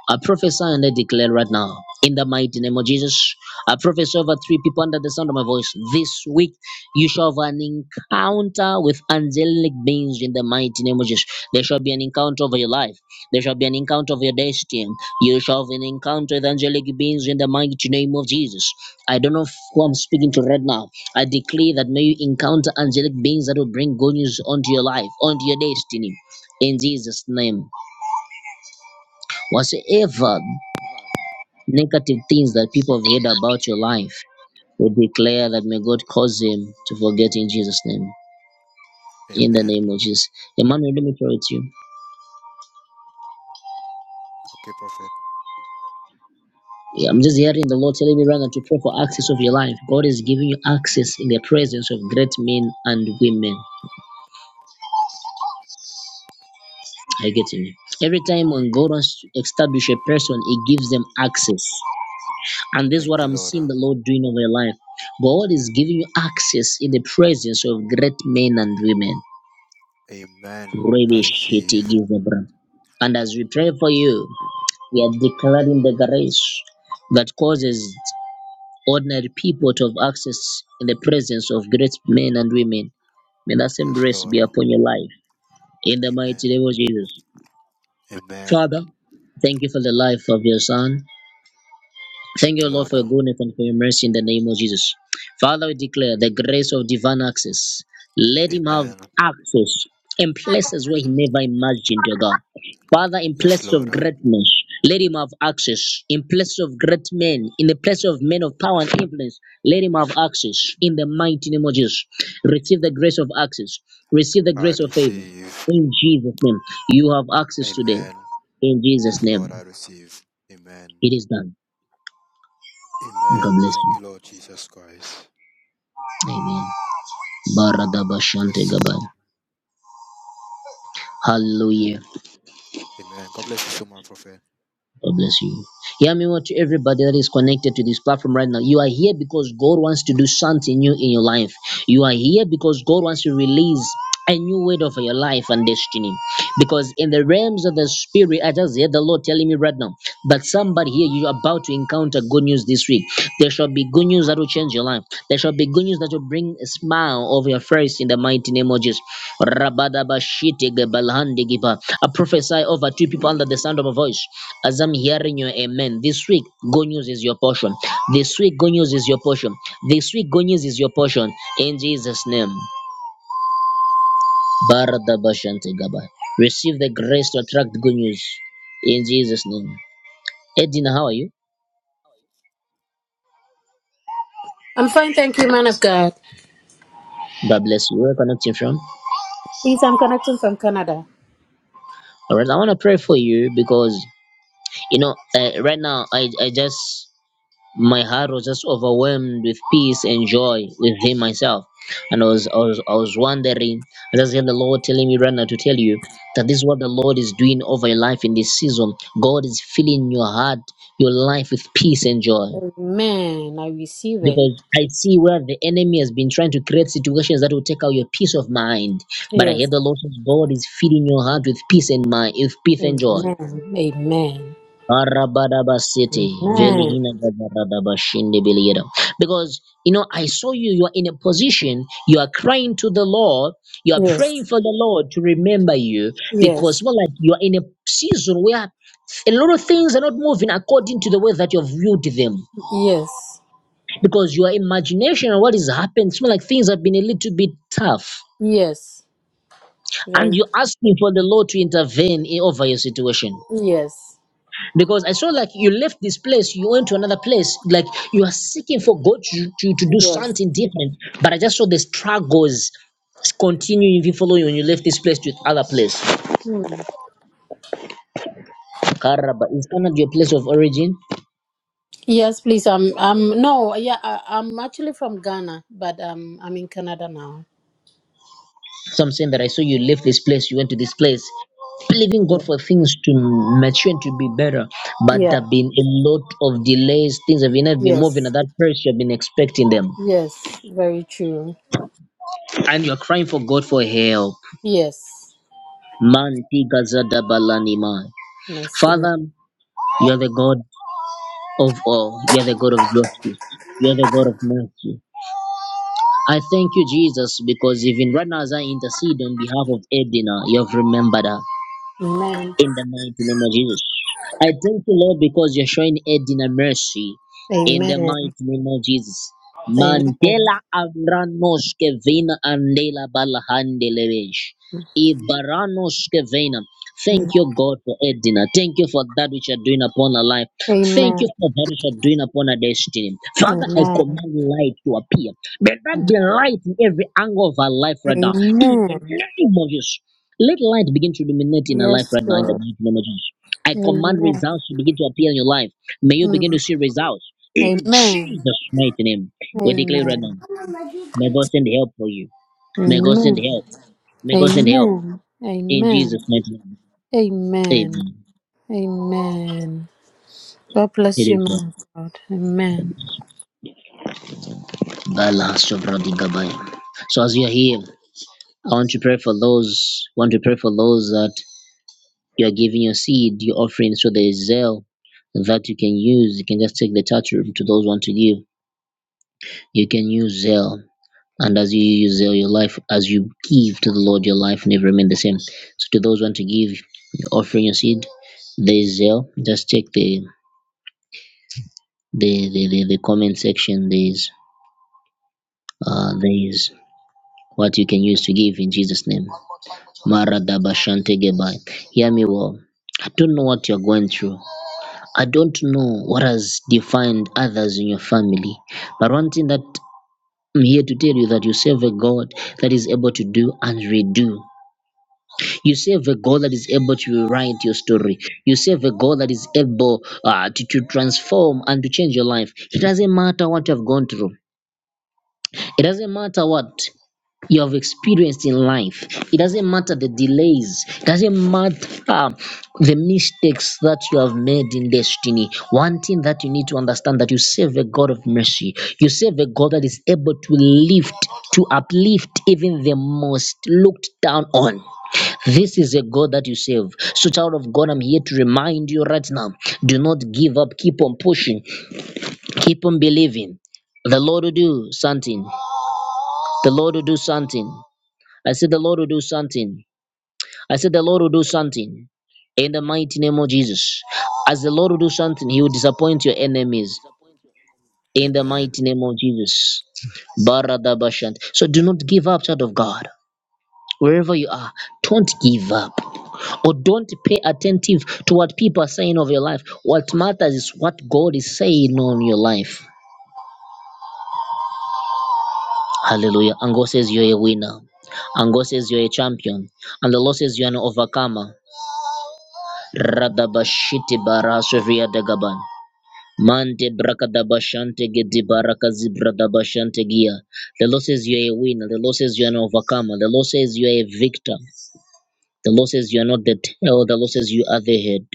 S1: I prophesy and I declare right now, in the mighty name of Jesus, I prophesy over three people under the sound of my voice. This week, you shall have an encounter with angelic beings in the mighty name of Jesus. There shall be an encounter over your life. There shall be an encounter of your destiny. You shall have an encounter with angelic beings in the mighty name of Jesus. I don't know who I'm speaking to right now. I declare that may you encounter angelic beings that will bring good news onto your life, onto your destiny. In Jesus' name whatsoever Negative things that people have heard about your life, we declare that may God cause him to forget in Jesus' name. In the
S3: Amen.
S1: name of Jesus. Emmanuel, let me pray with you.
S3: Okay, Prophet.
S1: Yeah, I'm just hearing the Lord telling me right now to pray for access of your life. God is giving you access in the presence of great men and women. Are you getting me? Every time when God wants to establish a person, He gives them access. And this is what
S3: Thank you,
S1: I'm
S3: Lord.
S1: seeing the Lord doing over your life. God is giving you access in the presence of great men and women.
S3: Amen.
S1: Rebe
S3: I
S1: shete
S3: receive.
S1: gizabra. And as we pray for you, we are declaring the grace that causes ordinary people to have access in the presence of great men and women. May that same
S3: Yes,
S1: grace
S3: Lord.
S1: be upon your life. In the
S3: Amen.
S1: mighty name of Jesus.
S3: Amen.
S1: Father, thank you for the life of your son. Thank
S3: Thank
S1: you,
S3: you,
S1: Lord,
S3: Lord.
S1: for your goodness and for your mercy in the name of Jesus. Father, we declare the grace of divine access. Let him have
S3: Amen.
S1: access in places where he never imagined, your God. Father, in
S3: Yes,
S1: places of
S3: Lord.
S1: greatness, let him have access. In places of great men, in the place of men of power and influence, let him have access. In the mighty name of Jesus, receive the grace of access. Receive the
S3: I
S1: grace of favor.
S3: receive.
S1: In Jesus' name, you have access today.
S3: Amen.
S1: In Jesus'
S3: Yes, Lord,
S1: name,
S3: I receive. Amen.
S1: it is done. God
S3: Amen.
S1: bless
S3: Thank you,
S1: you.
S3: Lord Jesus Christ.
S1: Amen.
S3: God
S1: Baradabashante
S3: bless.
S1: Gabaya. Hallelujah.
S3: Amen. God bless you so much, Prophet.
S1: God bless you. Hear me what to everybody that is connected to this platform right now. You are here because God wants to do something new in your life. You are here because God wants to release a new weight over your life and destiny. Because in the realms of the spirit, I just hear the Lord telling me right now that somebody here you're about to encounter good news this week. There shall be good news that will change your life. There shall be good news that will bring a smile over your face in the mighty name of Jesus. I prophesy over two people under the sound of my voice as I'm hearing your amen. This week, good news is your portion. This week, good news is your portion. This week, good news is your portion in Jesus' name. Baradabashante Receive the grace to attract good news in Jesus' name. Edina, how are you?
S7: I'm fine, thank you, man of God.
S1: God bless you. Where are you connecting from?
S7: Please, I'm connecting from Canada.
S1: All right, I want to pray for you because you know uh, right now I I just my heart was just overwhelmed with peace and joy within myself, and I was I was I was wondering. I just heard the Lord telling me right now to tell you that this is what the Lord is doing over your life in this season. God is filling your heart, your life with peace and joy.
S7: Amen. I receive it.
S1: because I see where the enemy has been trying to create situations that will take out your peace of mind. But I
S7: Yes.
S1: hear the Lord says God is feeding your heart with peace and mind, with peace and joy.
S7: Amen. Amen.
S1: Arabadabasete,
S7: Amen.
S1: velihina gabaradabashinde beliyeda. Because you know, I saw you, you are in a position, you are crying to the Lord, you are praying
S7: Yes.
S1: for the Lord to remember you, because
S7: Yes.
S1: well, like you are in a season where a lot of things are not moving according to the way that you've viewed them
S7: Yes.
S1: because your imagination and what is has happened seem like things have been a little bit tough
S7: Yes.
S1: and
S7: Very.
S1: you're asking for the lord to intervene in, over your situation
S7: Yes.
S1: because i saw like you left this place you went to another place like you are seeking for god to, to, to do
S7: Yes.
S1: something different but i just saw the struggles continuing if you follow you when you left this place to other place
S7: Mm.
S1: karaba is that not your place of origin
S7: Yes, please. I'm. I'm. No. Yeah. I, I'm actually from Ghana, but um, I'm in Canada now.
S1: So I'm saying that I saw you leave this place, you went to this place, believing God
S7: Yeah.
S1: for things to mature and to be better. But there
S7: Yeah.
S1: have been a lot of delays, things have not been moving at
S7: Yes.
S1: that pace you have been expecting them.
S7: Yes. Very true.
S1: And you're crying for God for help.
S7: Yes.
S1: Manti gazada balanima.
S7: Mercy.
S1: Father, you're the God of all. You're the God of justice. You're the God of mercy. I thank you, Jesus, because even right now as I intercede on behalf of Edina, you have remembered her.
S7: Amen.
S1: in the mighty name of Jesus. I thank you, Lord, because you're showing aid in a mercy in the
S7: Amen.
S1: mighty name of Jesus.
S7: Amen.
S1: Mandela Avranos Kevina Andela Balahandelevish. Ibaranos Kevina. Thank
S7: Mm.
S1: you, God, for Edina. Thank you for that which you're doing upon our life. Thank
S7: Amen.
S1: you for that which you're doing upon our destiny. Father, I
S7: Amen.
S1: command light to appear. May that
S7: Mm.
S1: be light in every angle of our life right now. In the
S7: Amen.
S1: name of Jesus. Let light begin to illuminate in your life
S7: Yes,
S1: right now in the
S7: God.
S1: mighty name of Jesus. I command
S7: Amen.
S1: results to begin to appear in your life. May you begin
S7: Mm.
S1: to see results in
S7: Amen.
S1: Jesus' mighty name. We declare right now.
S7: Amen.
S1: May God send help for you. May God send
S7: Amen.
S1: help. May God send help
S7: Amen.
S1: in Jesus'
S7: Amen.
S1: mighty name.
S7: Amen.
S1: Amen.
S7: Amen. God
S1: It
S7: bless you,
S1: is well.
S7: man of God. Amen.
S1: Bala sobra gabaya. So as you are here, I want to pray for those. I Want to pray for those that you are giving your seed, your offering. So there is zeal that you can use. You can just take the touch to those who want to give You can use zeal. And as you use zeal, your life, as you give to the Lord, your life never remain the same. So to those who want to give, offering your seed, there is zeal. Just check the the, the, the, the comment section. There is uh, there is what you can use to give in Jesus' name. Maradabashantegebai. Hear me well. I don't know what you're going through. I don't know what has defined others in your family. But one thing that I'm here to tell you that you serve a God that is able to do and redo You serve a God that is able to rewrite your story. You serve a God that is able uh, to, to transform and to change your life. It doesn't matter what you have gone through, it doesn't matter what you have experienced in life, it doesn't matter the delays, it doesn't matter the mistakes that you have made in destiny. One thing that you need to understand that you serve a God of mercy. You serve a God that is able to lift, to uplift even the most looked down on. This is a God that you serve. So, child of God, I'm here to remind you right now do not give up. Keep on pushing. Keep on believing. The Lord will do something. The Lord will do something. I said, The Lord will do something. I said, The Lord will do something. In the mighty name of Jesus. As the Lord will do something, He will disappoint your enemies. In the
S3: Amen.
S1: mighty name of Jesus. Baradabashant. So, do not give up, child of God. wherever you are, don't give up or don't pay attentive to what people are saying of your life. What matters is what God is saying on your life. Hallelujah. And God says you're a winner. And God says you're a champion. And the Lord says you're an overcomer. Radabashiti barasovia dagaban. Mante brakadabashante gedi barakazi bradabashante gia. The Lord says you're a winner. The Lord says you're an overcomer. The Lord says you're a victor. The Lord says you're not the tail. The Lord says you are the head.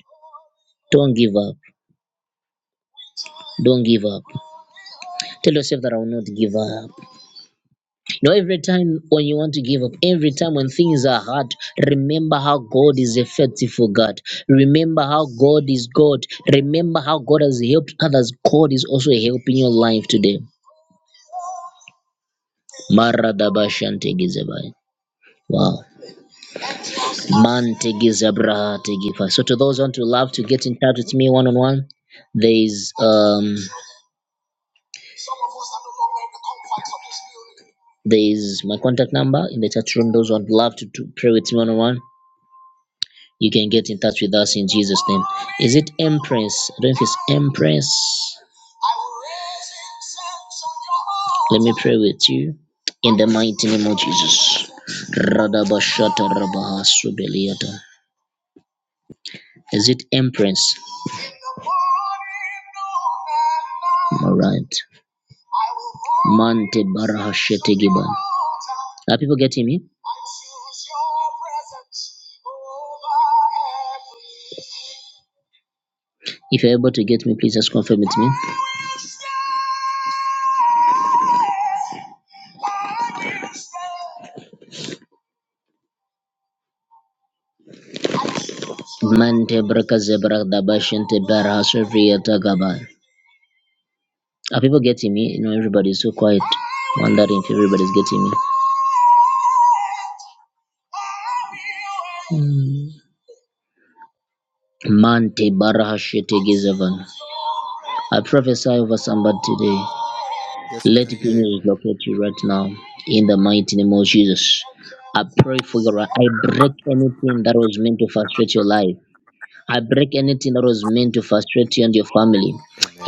S1: Don't give up. Don't give up. Tell yourself that I will not give up. You know, every time when you want to give up, every time when things are hard, remember how God is a faithful God. Remember how God is God. Remember how God has helped others. God is also helping your life today. Maradabashantegizebai. Wow. Mantegizabrahategifa. So to those who want to love to get in touch with me one on one, there is um There's my contact number in the chat room. Those who would love to, to pray with me one on one, you can get in touch with us in Jesus' name. Is it Empress? I don't know if it's Empress. Let me pray with you in the mighty name of Jesus. Radabashata rabahasubeliata. Is it Empress? All right. Mante barahashete giba. Are people getting me? If you're able to get me, please just confirm with me. Mante braka zebra dabashente barahasuvriata gaba. Are people getting me? You know, everybody's so quiet. Wondering if everybody's getting me. Mm. Mante barahashete gezevan. I prophesy over somebody today.
S3: Yes, we
S1: Let
S3: can hear you.
S1: goodness locate you right now in the mighty name of Jesus. I pray for your I break anything that was meant to
S8: Thank
S1: frustrate
S8: you.
S1: your life. I break anything that was meant to frustrate you and your family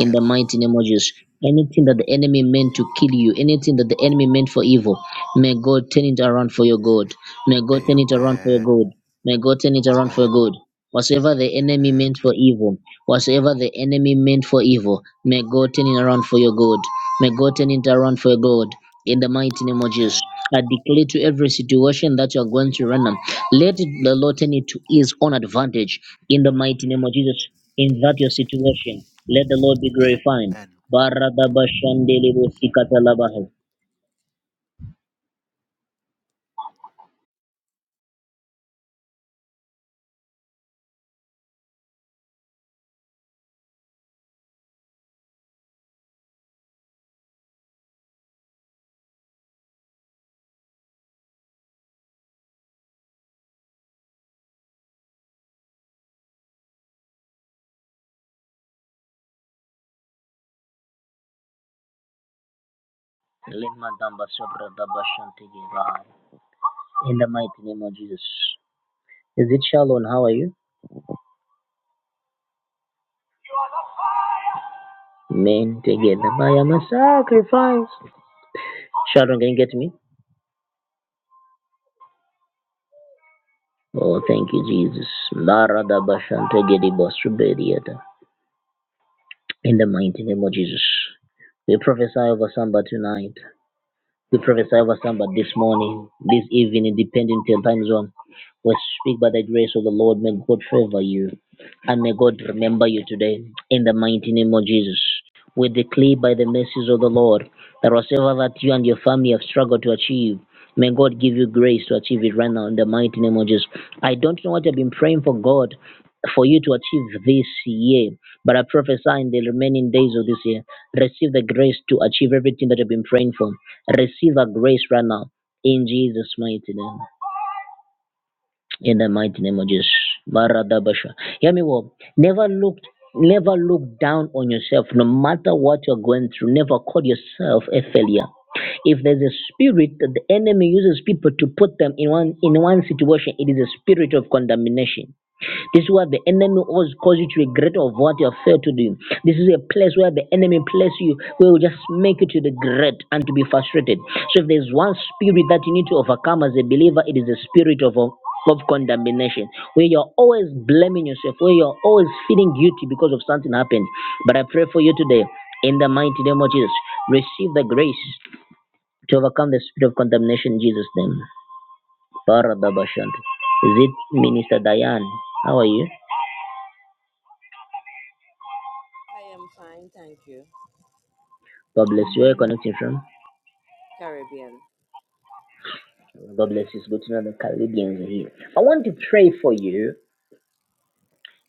S1: in the mighty name of Jesus. Anything that the enemy meant to kill you, anything that the enemy meant for evil, may God turn it around for your good. May God turn it around for your
S3: Amen.
S1: good. May God turn it around for your
S3: Amen.
S1: good. Whatsoever the enemy
S3: Amen.
S1: meant for evil, whatsoever the enemy meant for evil, may God turn it around for your good. May God turn it around for your good. In the mighty name of Jesus,
S3: Amen.
S1: I declare to every situation that you are going to run, let the Lord turn it to his own advantage in the mighty name of Jesus, in that your situation, let the Lord be glorified.
S3: Amen.
S1: In the mighty name of Jesus. Is it Shalom? How are you? Men together. I am a sacrifice. Sharon, can you get me? Oh, thank you, Jesus. In the mighty name of Jesus. We prophesy over somebody tonight. We prophesy over somebody this morning, this evening, depending to your time zone. We speak by the grace of the Lord. May God favor you. And may God remember you today in the mighty name of Jesus. We declare by the mercies of the Lord that whatever that you and your family have struggled to achieve, may God give you grace to achieve it right now in the mighty name of Jesus. I don't know what I've been praying for God for you to achieve this year, but I prophesy in the remaining days of this year, receive the grace to achieve everything that you've been praying for. Receive a grace right now in Jesus' mighty name in the mighty name of Jesus. Baradabasha. Hear me well. Never look never look down on yourself, no matter what you're going through. Never call yourself a failure. If there's a spirit that the enemy uses people to put them in one in one situation, it is a spirit of condemnation. This is where the enemy always causes you to regret of what you have failed to do. This is a place where the enemy place you, where will just make you to regret and to be frustrated. So if there's one spirit that you need to overcome as a believer, it is the spirit of of condemnation, where you're always blaming yourself, where you're always feeling guilty because of something happened. But I pray for you today, in the mighty name of Jesus, receive the grace to overcome the spirit of condemnation in Jesus' name. Barababashant. Is it Minister Diane? How are you?
S9: I am fine, thank you.
S1: God bless you. Where are you connecting from?
S9: Caribbean.
S1: God bless you. It's good to know the Caribbeans are here. I want to pray for you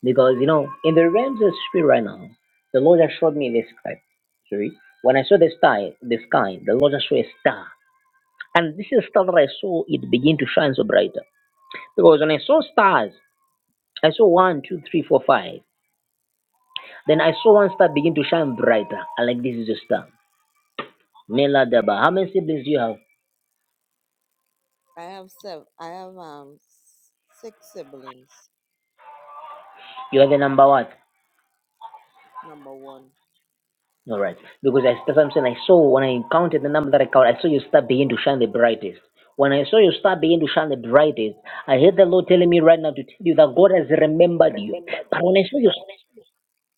S1: because, you know, in the realms of spirit right now, the Lord has showed me this sky. Sorry. When I saw the sky, the sky, the Lord has showed a star. And this is a star that I saw, it begin to shine so brighter. Because when I saw stars, I saw one, two, three, four, five. Then I saw one star begin to shine brighter. And like this is a star. Mela Daba. How many siblings do you have?
S9: I have seven. I have um s- six siblings.
S1: You are the number one.
S9: Number one.
S1: All right. Because I, that's what I'm saying. I saw when I counted the number that I counted, I saw your star begin to shine the brightest. When I saw your star begin to shine the brightest, I heard the Lord telling me right now to tell you that God has remembered you. But when I saw your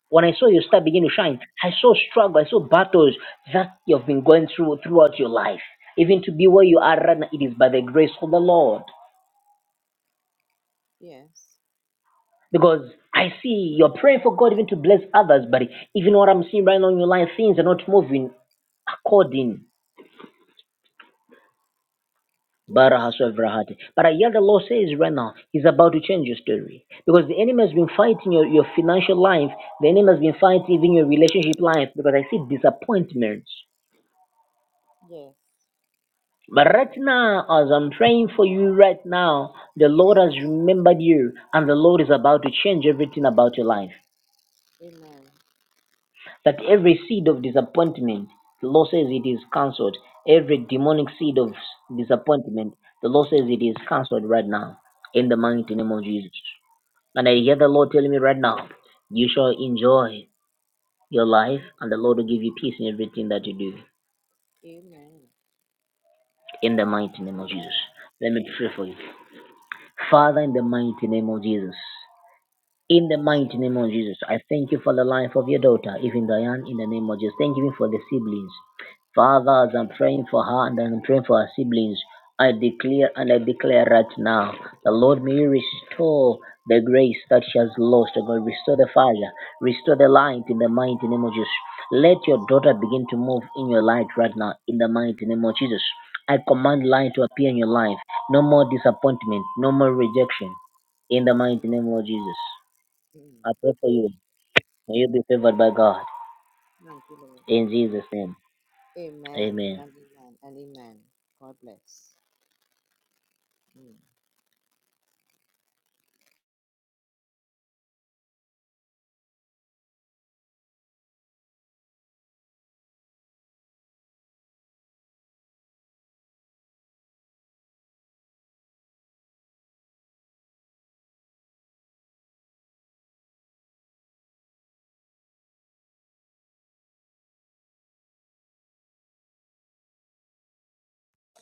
S1: when I saw your star begin to shine, I saw struggle, I saw battles that you've been going through throughout your life. Even to be where you are right now, it is by the grace of the Lord.
S9: Yes.
S1: Because I see you're praying for God even to bless others, but even what I'm seeing right now in your life, things are not moving according
S9: Yes.
S1: Barahashavrahati. But I hear the Lord says right now, He's about to change your story. Because the enemy has been fighting your, your financial life, the enemy has been fighting even your relationship life, because I see disappointments.
S9: Yes.
S1: But right
S9: Mm.
S1: now, as I'm praying for you right now, the Lord has remembered you, and the Lord is about to change everything about your life.
S9: Amen.
S1: That every seed of disappointment, the Lord says it is cancelled. Every demonic seed of disappointment, the Lord says it is cancelled right now, in the
S9: Amen.
S1: mighty name of Jesus. And I hear the Lord telling me right now, you shall enjoy your life,
S9: Mm.
S1: and the Lord will give you peace in everything that you do.
S9: Amen.
S1: In the mighty name of Jesus.
S9: Amen.
S1: Let me pray for you. Father, in the mighty name of Jesus. In the
S9: Yes,
S1: mighty
S9: Lord.
S1: name of Jesus, I thank you for the life of your
S9: Mm.
S1: daughter, even Diane, in the name of Jesus. Thank you for the siblings. Father, as I'm
S9: Mm.
S1: praying for her and I'm praying for her siblings, I declare and I declare right now, the Lord may you restore the grace that she has lost. Oh God, restore the fire, restore the light in the mighty name of Jesus. Let
S9: Yes.
S1: your daughter begin to move in your light right now, in the mighty name of Jesus. I command light to appear in your life. No more disappointment, no more rejection, in the
S9: Yes,
S1: mighty name
S9: Lord.
S1: of Jesus.
S9: Mm.
S1: I pray for you. May you be favored by God.
S9: Thank you, Lord.
S1: In Jesus' name.
S9: Amen.
S1: Amen.
S9: And amen. And amen. God bless. Mm.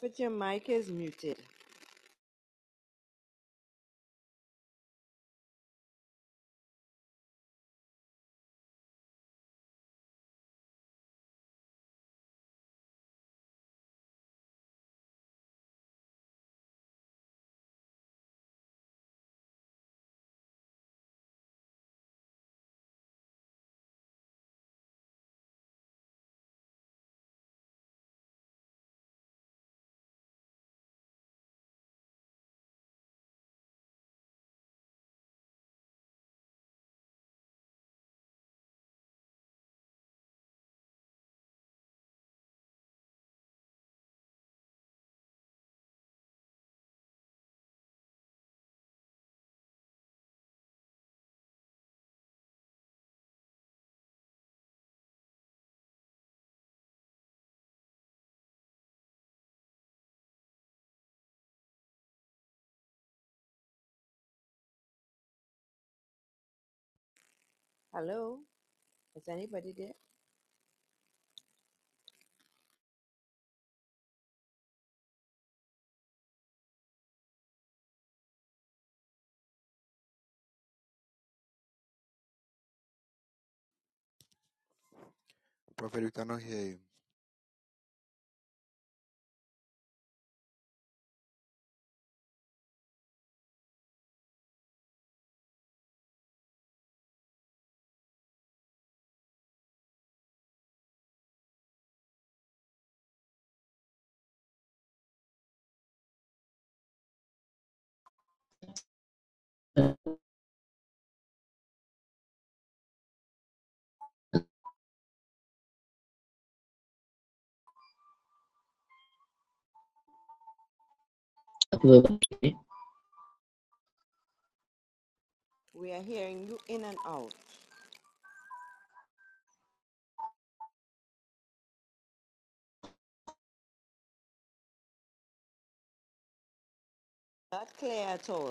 S9: But your mic is muted. Hello. Is anybody there?
S3: Prophet, we cannot hear you.
S9: We are hearing you in and out. Not clear at all.